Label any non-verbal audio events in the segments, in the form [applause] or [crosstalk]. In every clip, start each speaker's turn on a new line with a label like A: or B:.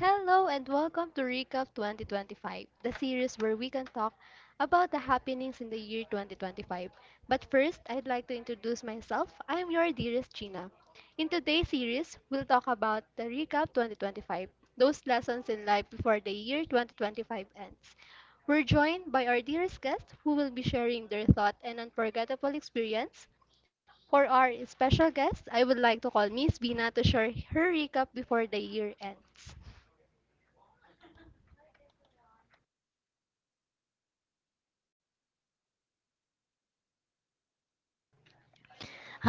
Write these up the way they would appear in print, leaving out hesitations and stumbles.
A: Hello and welcome to Recap 2025, the series where we can talk about the happenings in the year 2025. But first, I'd like to introduce myself. I'm your dearest Gina. In today's series, we'll talk about the Recap 2025, those lessons in life before the year 2025 ends. We're joined by our dearest guest who will be sharing their thought and unforgettable experience. For our special guest, I would like to call Miss Bina to share her recap before the year ends.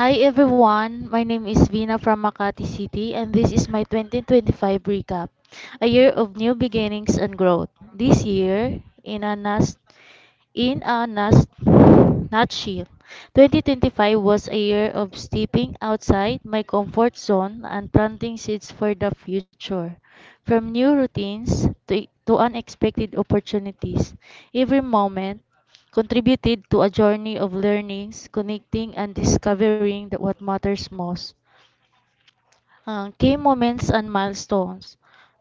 B: Hi everyone, my name is Vina from Makati City and this is my 2025 recap, a year of new beginnings and growth. This year, in a nas- in a nus- nutshell, 2025 was a year of stepping outside my comfort zone and planting seeds for the future. From new routines to unexpected opportunities, every moment contributed to a journey of learnings, connecting, and discovering that what matters most key moments and milestones.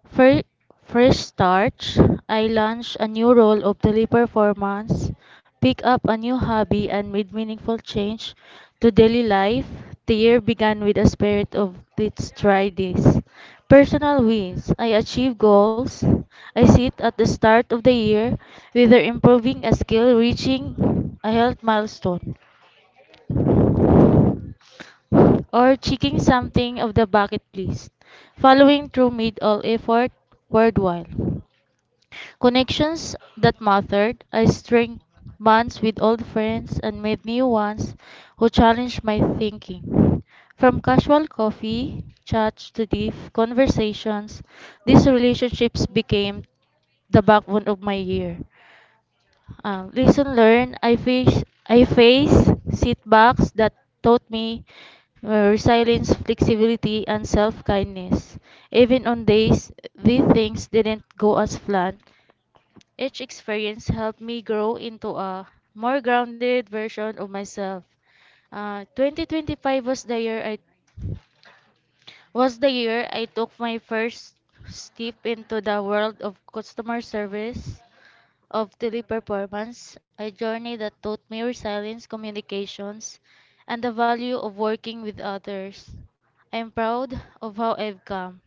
B: Fir- First start, I launched a new role of daily performance, picked up a new hobby, and made meaningful change to daily life. The year began with a spirit of let's try this. Personal wins. I achieved goals. I sit at the start of the year, whether improving a skill, reaching a health milestone or checking something of the bucket list. Following through made all effort worthwhile. Connections that mattered. I strained bonds with old friends and made new ones who challenged my thinking. From casual coffee chats to deep conversations, these relationships became the backbone of my year. Lesson learned, I face setbacks that taught me resilience, flexibility, and self-kindness. Even on days these things didn't go as planned, each experience helped me grow into a more grounded version of myself. 2025 was the year I took my first step into the world of customer service of daily performance, a journey that taught me resilience, communications, and the value of working with others. I am proud of how I've come,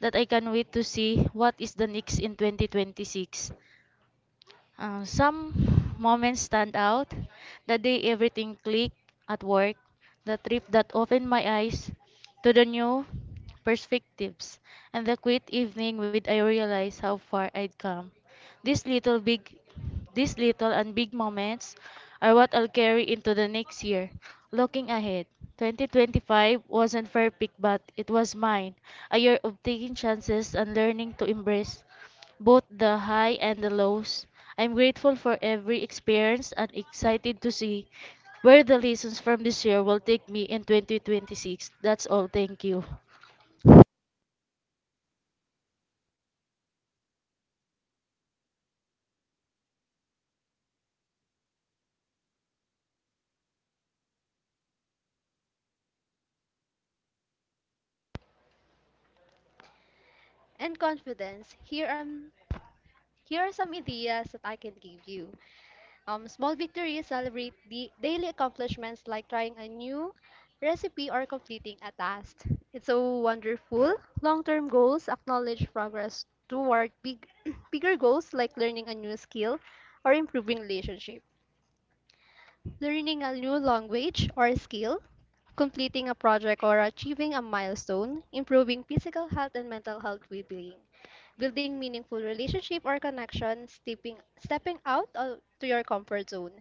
B: that I can't wait to see what is the next in 2026. Some moments stand out: the day everything clicked at work, the trip that opened my eyes to the new perspectives, and the quiet evening when I realized how far I'd come. These little big these little and big moments are what I'll carry into the next year. Looking ahead, 2025 wasn't perfect, but it was mine. A year of taking chances and learning to embrace both the high and the lows. I'm grateful for every experience and excited to see where the lessons from this year will take me in 2026. That's all. Thank you.
A: And confidence, here are some ideas that I can give you. Small victories celebrate the daily accomplishments like trying a new recipe or completing a task. It's so wonderful. Long-term goals acknowledge progress toward big [clears throat] bigger goals like learning a new skill or improving relationship, learning a new language or skill, completing a project or achieving a milestone, improving physical health and mental health well-being. Building meaningful relationship or connection, stepping out of, to your comfort zone,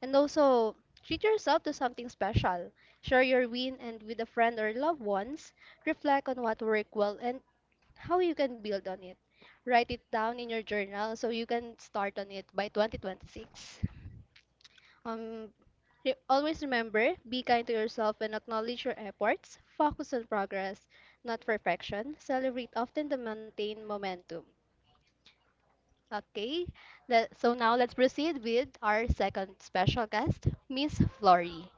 A: and also treat yourself to something special. Share your win and with a friend or loved ones. Reflect on what worked well and how you can build on it. Write it down in your journal so you can start on it by 2026. Um, Always remember, be kind to yourself and acknowledge your efforts. Focus on progress, not perfection. Celebrate often to maintain momentum. Okay, so now let's proceed with our second special guest, Miss Flory.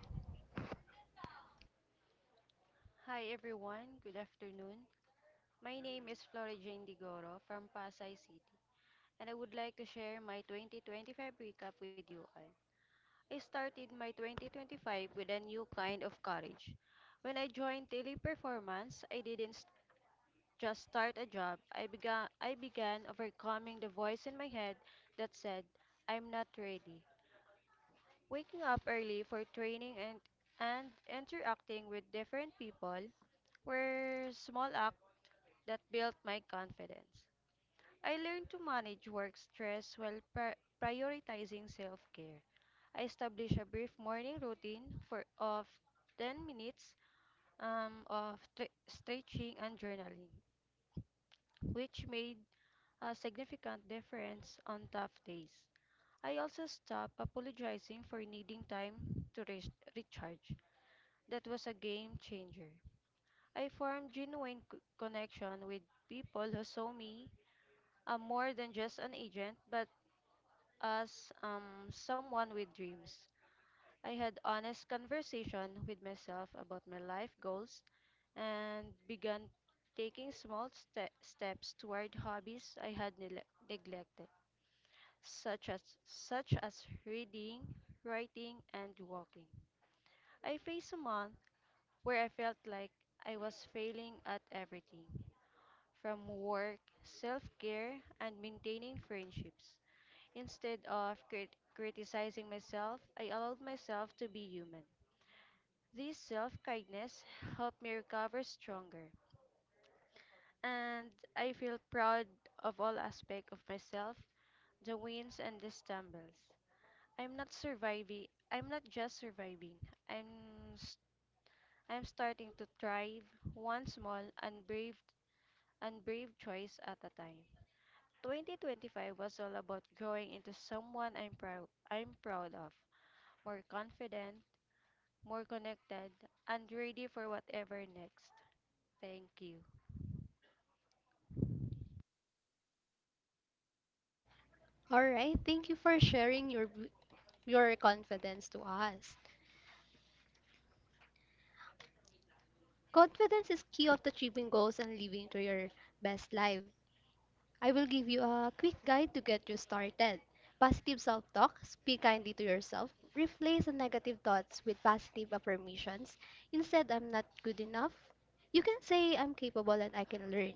C: Hi everyone, good afternoon. My name is Flora Digoro from Pasay City, and I would like to share my 2025 recap with you all. I started my 2025 with a new kind of courage. When I joined Teleperformance, I didn't s- just start a job. I began overcoming the voice in my head that said, "I'm not ready." Waking up early for training and interacting with different people were small acts that built my confidence. I learned to manage work stress while prioritizing self care. I established a brief morning routine for of 10 minutes of stretching and journaling, which made a significant difference on tough days. I also stopped apologizing for needing time to recharge. That was a game changer. I formed genuine connection with people who saw me, more than just an agent, but as someone with dreams. I had honest conversation with myself about my life goals and began taking small steps toward hobbies I had neglected, such as reading, writing, and walking. I faced a month where I felt like I was failing at everything, from work, self-care, and maintaining friendships. Instead of criticizing myself, I allowed myself to be human. This self kindness helped me recover stronger, and I feel proud of all aspects of myself, the wins and the stumbles. I'm not just surviving, I'm, s- I'm starting to thrive one small and brave choice at a time. 2025 was all about growing into someone I'm proud of, more confident, more connected, and ready for whatever next. Thank you.
A: All right, thank you for sharing your confidence to us. Confidence is key of achieving goals and living to your best life. I will give you a quick guide to get you started. Positive self-talk, speak kindly to yourself, replace the negative thoughts with positive affirmations. Instead, I'm not good enough. You can say I'm capable and I can learn.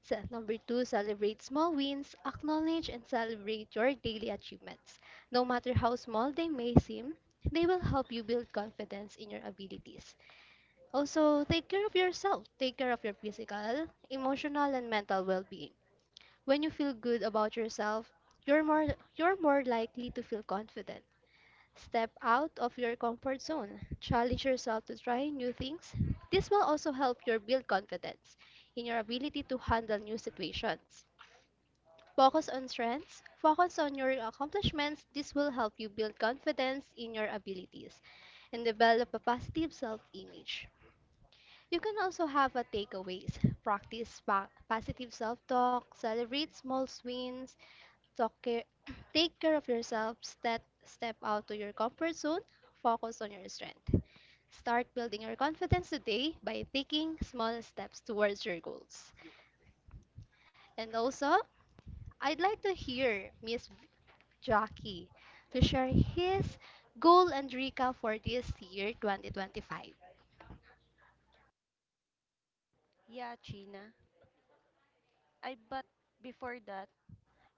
A: Set number two, celebrate small wins. Acknowledge and celebrate your daily achievements. No matter how small they may seem, they will help you build confidence in your abilities. Also, take care of yourself. Take care of your physical, emotional, and mental well-being. When you feel good about yourself, you're more you're more likely to feel confident. Step out of your comfort zone. Challenge yourself to try new things. This will also help you build confidence in your ability to handle new situations. Focus on strengths, focus on your accomplishments. This will help you build confidence in your abilities and develop a positive self image. You can also have a takeaways. Practice positive self talk, celebrate small wins, talk care, [clears throat] take care of yourself, step out to your comfort zone, focus on your strength. Start building your confidence today by taking small steps towards your goals. And also, I'd like to hear Miss Jackie to share his goal and recap for this year 2025.
C: Yeah, China. I but before that,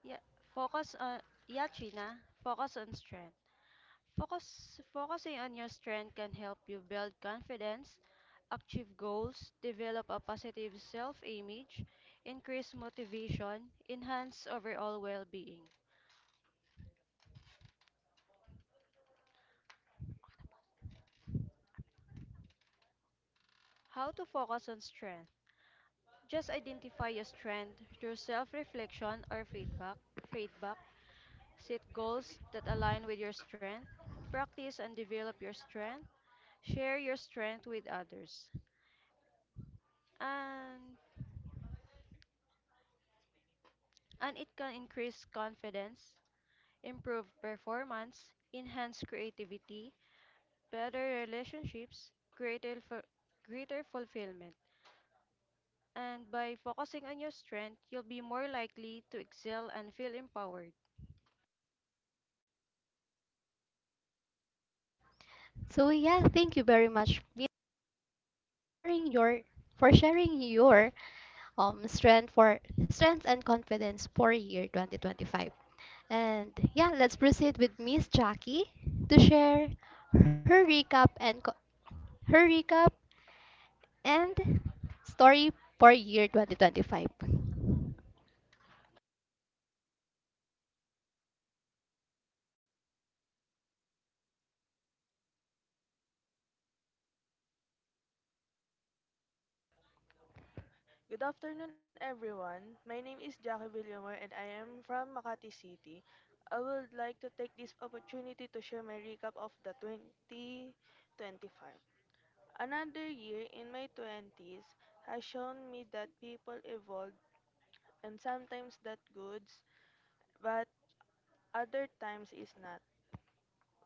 C: yeah, focus on, yeah, China. Focus on strength. Focusing on your strength can help you build confidence, achieve goals, develop a positive self-image, increase motivation, enhance overall well-being. How to focus on strength? Just identify your strength through self-reflection or feedback. Feedback. Set goals that align with your strength. Practice and develop your strength. Share your strength with others. And and it can increase confidence, improve performance, enhance creativity, better relationships, greater fu- greater fulfillment. And by focusing on your strength, you'll be more likely to excel and feel empowered.
A: So yeah, thank you very much Mia, sharing your for sharing your strength and confidence for year 2025. And yeah, let's proceed with Miss Jackie to share her recap and co- her recap and story for year 2025.
D: Good afternoon, everyone. My name is Jackie Villamor and I am from Makati City. I would like to take this opportunity to share my recap of the 2025. Another year in my twenties has shown me that people evolve and sometimes that goods, but other times is not.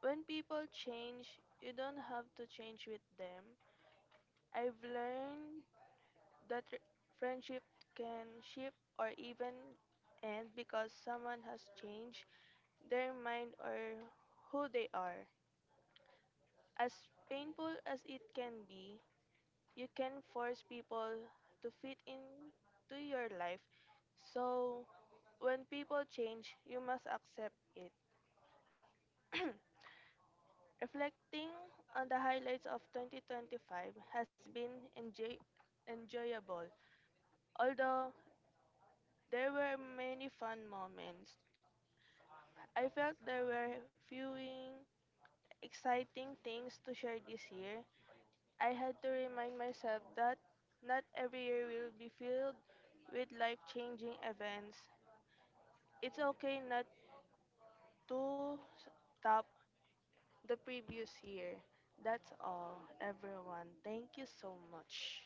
D: When people change, you don't have to change with them. I've learned That r- friendship can shift or even end because someone has changed their mind or who they are. As painful as it can be, you can force people to fit into your life. So, when people change, you must accept it. [clears throat] Reflecting on the highlights of 2025 has been enjoyable, although there were many fun moments. I felt there were few exciting things to share this year. I had to remind myself that not every year will be filled with life changing events. It's okay not to stop the previous year. That's all, everyone. Thank you so much.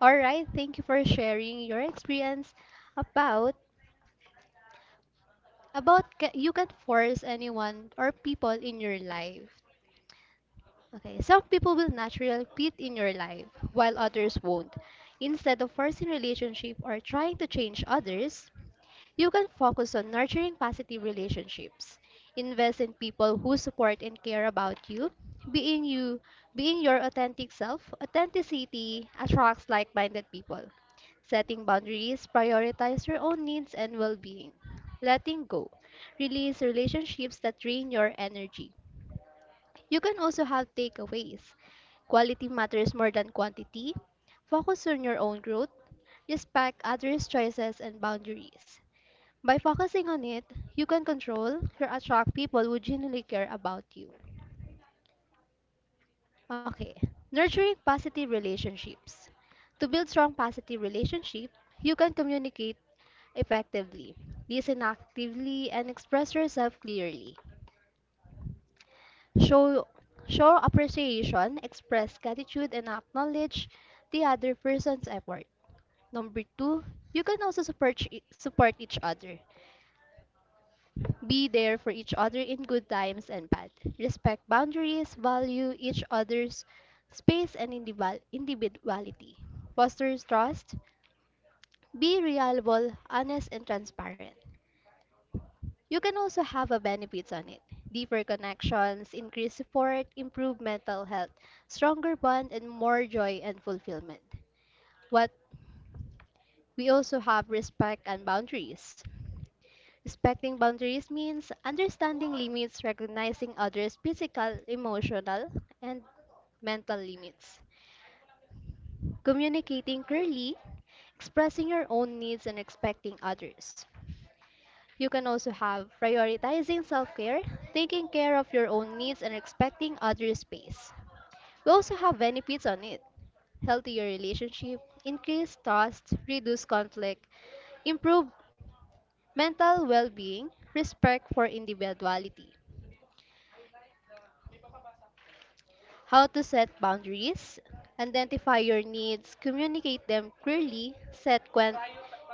A: All right, thank you for sharing your experience about about you can force anyone or people in your life. Okay, some people will naturally fit in your life while others won't. Instead of forcing relationship or trying to change others, you can focus on nurturing positive relationships. Invest in people who support and care about you. Being you, being your authentic self, authenticity attracts like-minded people. Setting boundaries, prioritize your own needs and well-being. Letting go, release relationships that drain your energy. You can also have takeaways. Quality matters more than quantity. Focus on your own growth. Respect others' choices and boundaries. By focusing on it, you can control or attract people who genuinely care about you. Okay, nurturing positive relationships. To build strong positive relationship, you can communicate effectively, listen actively, and express yourself clearly. Show show appreciation, express gratitude, and acknowledge the other person's effort. Number two, you can also support each other. Be there for each other in good times and bad. Respect boundaries, value each other's space and individuality. Foster trust. Be reliable, honest, and transparent. You can also have a benefits on it. Deeper connections, increased support, improved mental health, stronger bond, and more joy and fulfillment. What We also have respect and boundaries. Respecting boundaries means understanding limits, recognizing others' physical, emotional, and mental limits. Communicating clearly, expressing your own needs and expecting others. You can also have prioritizing self care, taking care of your own needs, and respecting others' space. We also have benefits on it, healthier relationship, increased trust, reduced conflict, improved mental well being, respect for individuality, how to set boundaries, identify your needs, communicate them clearly, set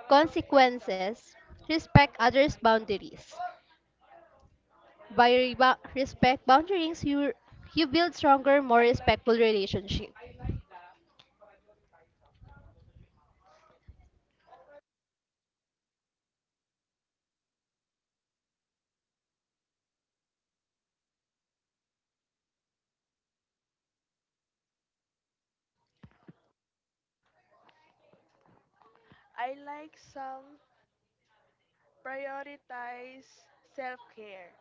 A: consequences, respect others' boundaries. By respect boundaries, you build stronger, more respectful relationship.
D: I like some prioritize self care.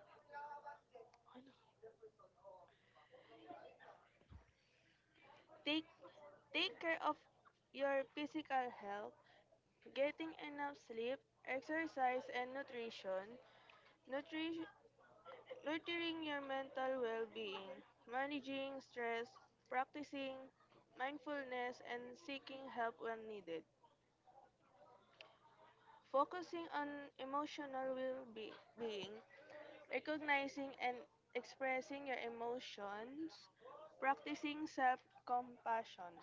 D: Take take care of your physical health. Getting enough sleep, exercise and nutrition, nutri- nurturing your mental well-being, managing stress, practicing mindfulness and seeking help when needed. Focusing on emotional well-being, recognizing and expressing your emotions, practicing self-compassion.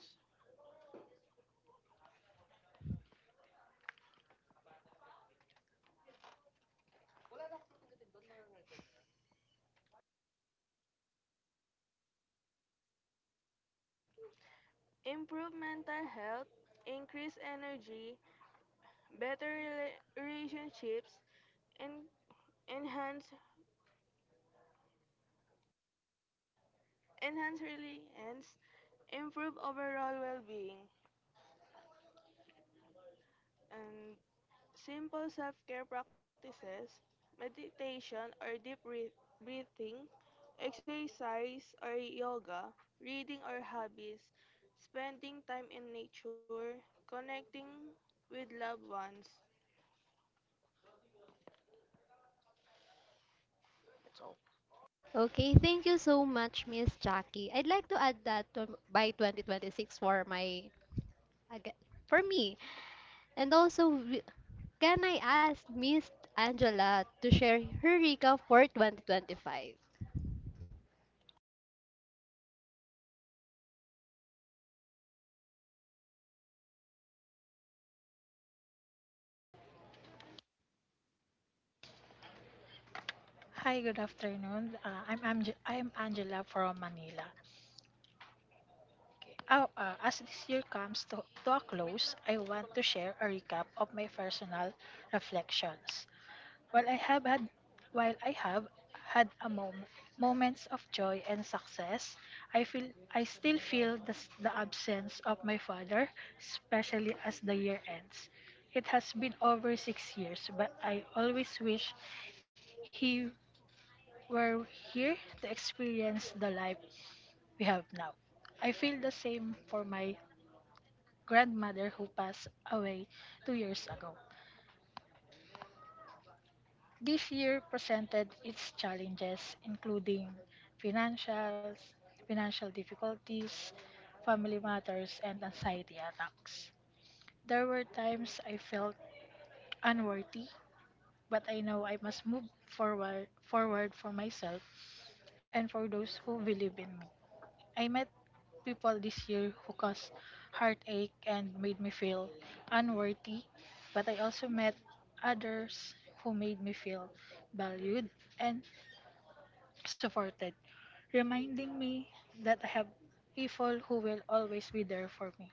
D: Improve mental health, increase energy, relationships, and enhance enhance really ends improve overall well-being and simple self-care practices, meditation or breathing exercise or yoga, reading or hobbies, spending time in nature, connecting with loved ones.
A: Okay, thank you so much, Miss Jackie. I'd like to add that to, by 2026 for my aga- for me. And also, can I ask Miss Angela to share her recap for 2025?
E: Hi, good afternoon. I'm Angela from Manila. Okay. Oh, as this year comes to a close, I want to share a recap of my personal reflections. While I have had while I have had moments of joy and success, I feel I still feel the absence of my father, especially as the year ends. It has been over 6 years, but I always wish he We're here to experience the life we have now. I feel the same for my grandmother who passed away 2 years ago. This year presented its challenges, including financials, financial difficulties, family matters, and anxiety attacks. There were times I felt unworthy, but I know I must move forward for myself and for those who believe in me. I met people this year who caused heartache and made me feel unworthy, but I also met others who made me feel valued and supported, reminding me that I have people who will always be there for me.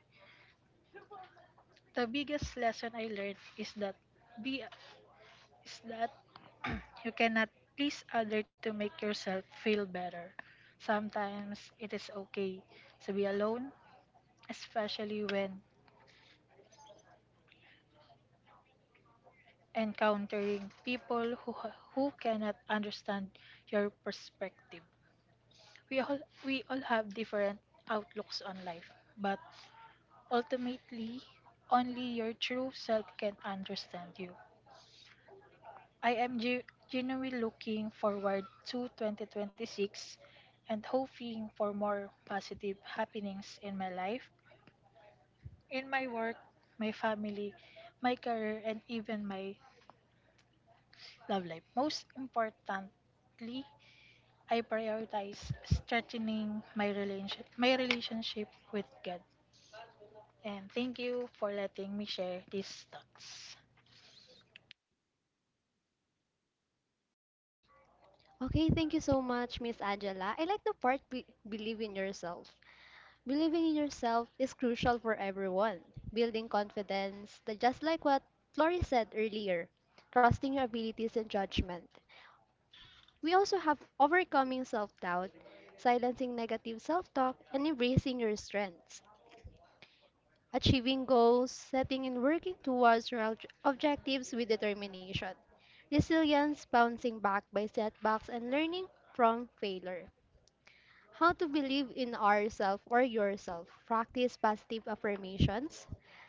E: The biggest lesson I learned be is that you cannot please others to make yourself feel better. Sometimes it is okay to be alone, especially when encountering who cannot understand your perspective. We all we all have different outlooks on life, but ultimately only your true self can understand you. I am genuinely looking forward to 2026 and hoping for more positive happenings in my life, in my work, my family, my career, and even my love life. Most importantly, I prioritize strengthening my relation my relationship with God. And thank you for letting me share these thoughts.
A: Okay, thank you so much, Miss Angela. I like the part believe in yourself. Believing in yourself is crucial for everyone. Building confidence, just like what Lori said earlier, trusting your abilities and judgment. We also have overcoming self doubt, silencing negative self talk, and embracing your strengths. Achieving goals, setting and working towards your objectives with determination. Resilience, bouncing back by setbacks, and learning from failure. How to believe in ourself or yourself, practice positive affirmations,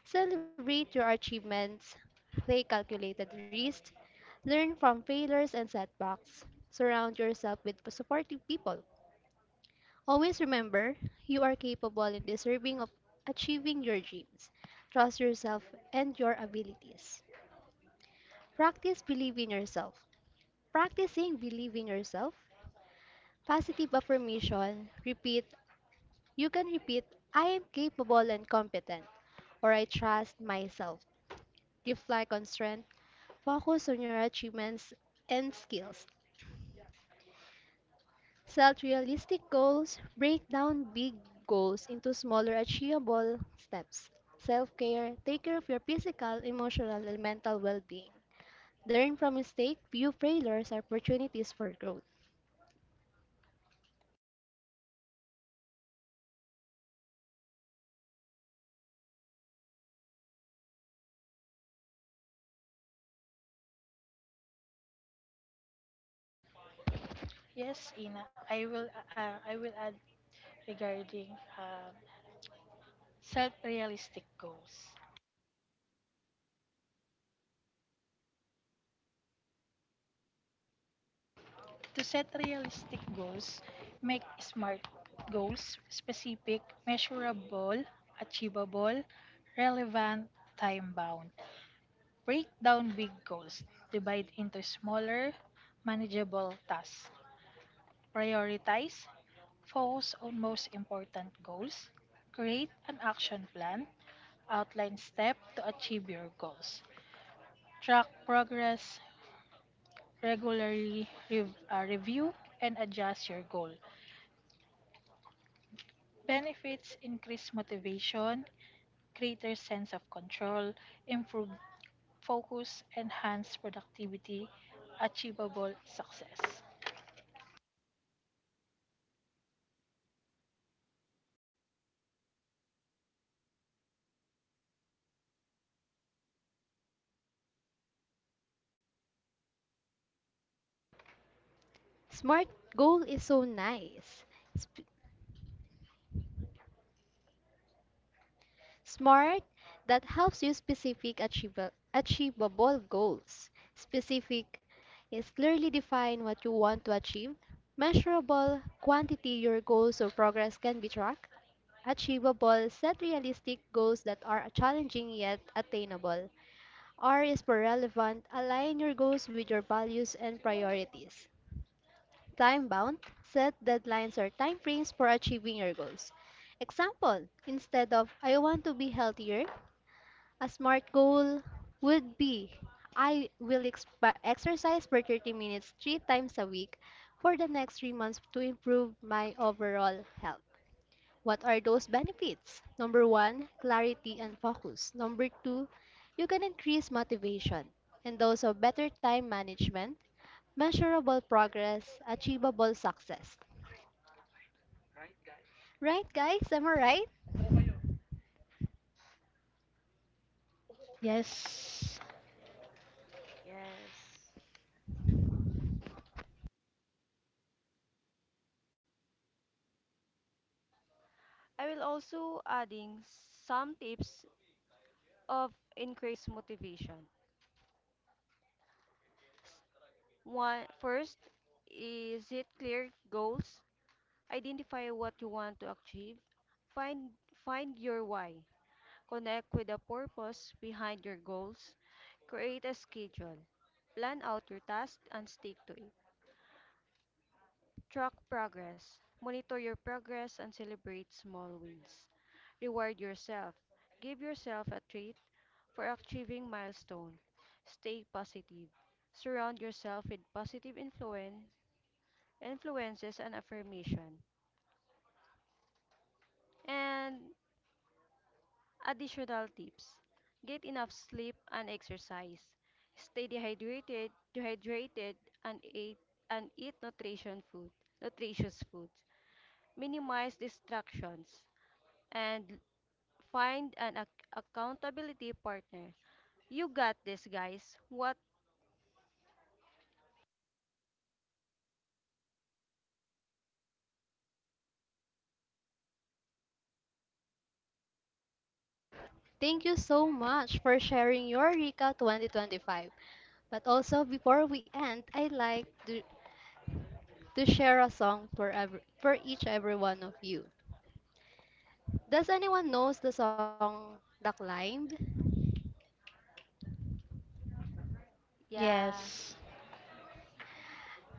A: celebrate your achievements, take calculated risks, learn from failures and setbacks, surround yourself with supportive people. Always remember, you are capable and deserving of achieving your dreams. Trust yourself and your abilities. Practice believe in yourself. Practicing believe in yourself, positive affirmation, repeat. You can repeat, I am capable and competent, or I trust myself. Reflect on strength, focus on your achievements and skills. Set realistic goals, break down big goals into smaller achievable steps. Self care, take care of your physical, emotional, and mental well being. Learn from mistakes, view failures as opportunities for growth.
E: Yes, Ina, I will add regarding um self-realistic goals. To set realistic goals, make smart goals specific, measurable, achievable, relevant, time-bound. Break down big goals, divide into smaller, manageable tasks. Prioritize, focus on most important goals, create an action plan, outline steps to achieve your goals, track progress, regularly review and adjust your goal. Benefits increase motivation, greater sense of control, improve focus, enhance productivity, achievable success.
A: Smart goal is so nice. SMART, that helps you specific achievable goals. Specific is clearly define what you want to achieve. Measurable, quantity your goals or progress can be tracked. Achievable, set realistic goals that are challenging yet attainable. R is for relevant, align your goals with your values and priorities. Time bound, set deadlines or timeframes for achieving your goals. Example, instead of I want to be healthier, a smart goal would be I will exercise for 30 minutes three times a week for the next 3 months to improve my overall health. What are those benefits? Number one, clarity and focus. Number two, you can increase motivation and also better time management, measurable progress, achievable success. Right, guys? Am I right?
E: Yes,
D: Yes.
C: I will also adding some tips of increased motivation. One first is it clear goals. Identify what you want to achieve. Find find your why. Connect with the purpose behind your goals. Create a schedule. Plan out your tasks and stick to it. Track progress. Monitor your progress and celebrate small wins. Reward yourself. Give yourself a treat for achieving milestone. Stay positive. Surround yourself with positive influences, and affirmation. And additional tips, get enough sleep and exercise, stay dehydrated and, eat, and eat nutritious foods, minimize distractions, and find an accountability partner. You got this, guys. What?
A: Thank you so much for sharing your Recap 2025. But also, before we end, I'd like to share a song for each every one of you. Does anyone knows the song The Climb?
C: Yeah.
E: yes.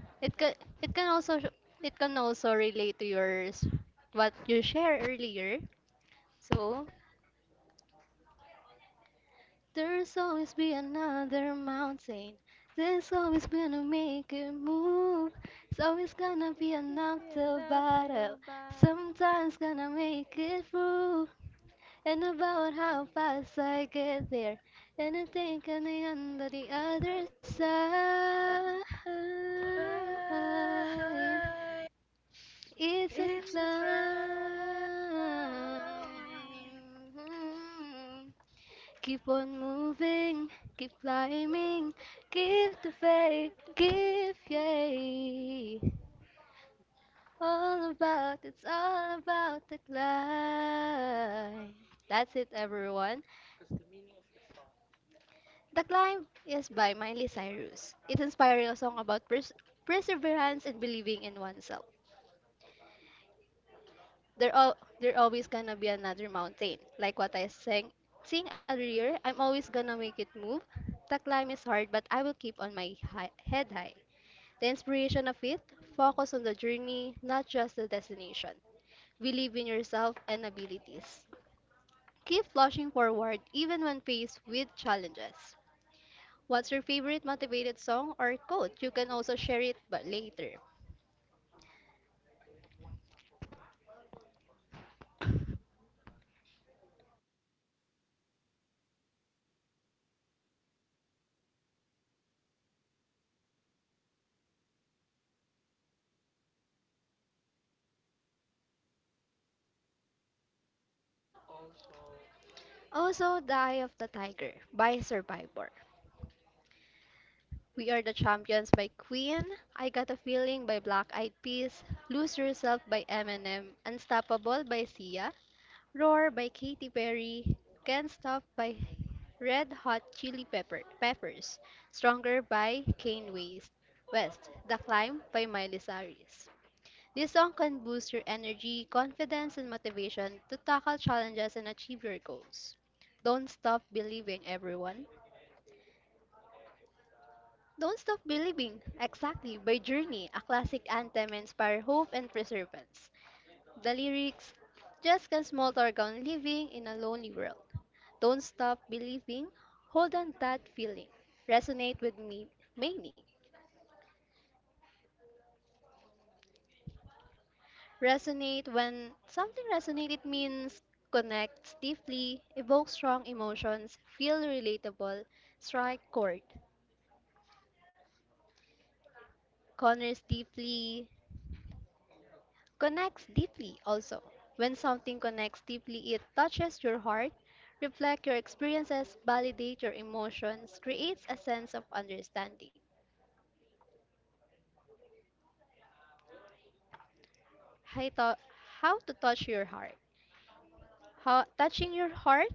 A: It can, it can also sh- it can also relate to yours what you shared earlier. So there's always be another mountain. There's always gonna make a move. It's always gonna
C: Don't
A: be
C: let me
A: another
C: not feel
A: battle.
C: bad.
A: Sometimes gonna make it through. And about how fast I get there. And I think I on the other side. It's a
E: It's the
C: It's a
A: climb.
E: cloud.
A: Keep on moving, keep climbing, keep the faith,
C: gift that
A: keep
C: you
A: yay. All about, it's all about the climb. That's it, everyone. The Climb is by Miley Cyrus. It's inspiring a song about perseverance and believing in oneself. There always gonna be another mountain. Like what I sing earlier, I'm always gonna make it move. The climb is hard, but I will keep on my head high. The inspiration of it, focus on the journey, not just the destination. Believe in yourself and abilities. Keep pushing forward even when faced with challenges. What's your favorite motivated song or quote? You can also share it but later. Also, The Eye of the Tiger by Survivor. We Are the Champions by Queen, I Got a Feeling by Black Eyed Peas, Lose Yourself by Eminem, Unstoppable by Sia, Roar by Katy Perry, Can't Stop by Red Hot Chili Peppers, Stronger by Kanye West, The Climb by Miley Cyrus. This song can boost your energy, confidence, and motivation to tackle challenges and achieve your goals. Don't Stop Believing, everyone. Don't Stop Believing, exactly, by Journey, a classic anthem and inspire hope and perseverance. The lyrics, just can small talk on living in a lonely world. Don't stop believing. Hold on that feeling. Resonate with me meaning. Resonate, when something resonates it means connects deeply, evokes strong emotions, feel relatable, strike chord, corners deeply, connects deeply also. When something connects deeply, it touches your heart, reflects your experiences, validates your emotions, creates a sense of understanding. Hi, to- how to touch your heart. How, touching your heart?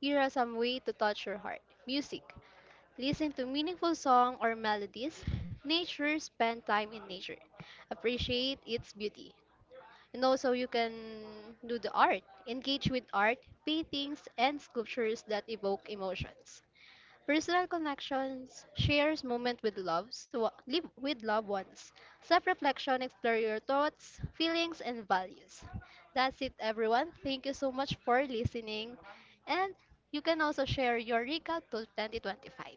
A: Here are some way to touch your heart. Music. Listen to meaningful song or melodies. Nature. Spend time in nature. Appreciate its beauty. And also you can do the art. Engage with art, paintings, and sculptures that evoke emotions. Personal connections shares moment with live with loved ones. Self-reflection explore your thoughts, feelings, and values. That's it, everyone. Thank you so much for listening, and you can also share your recap to 2025.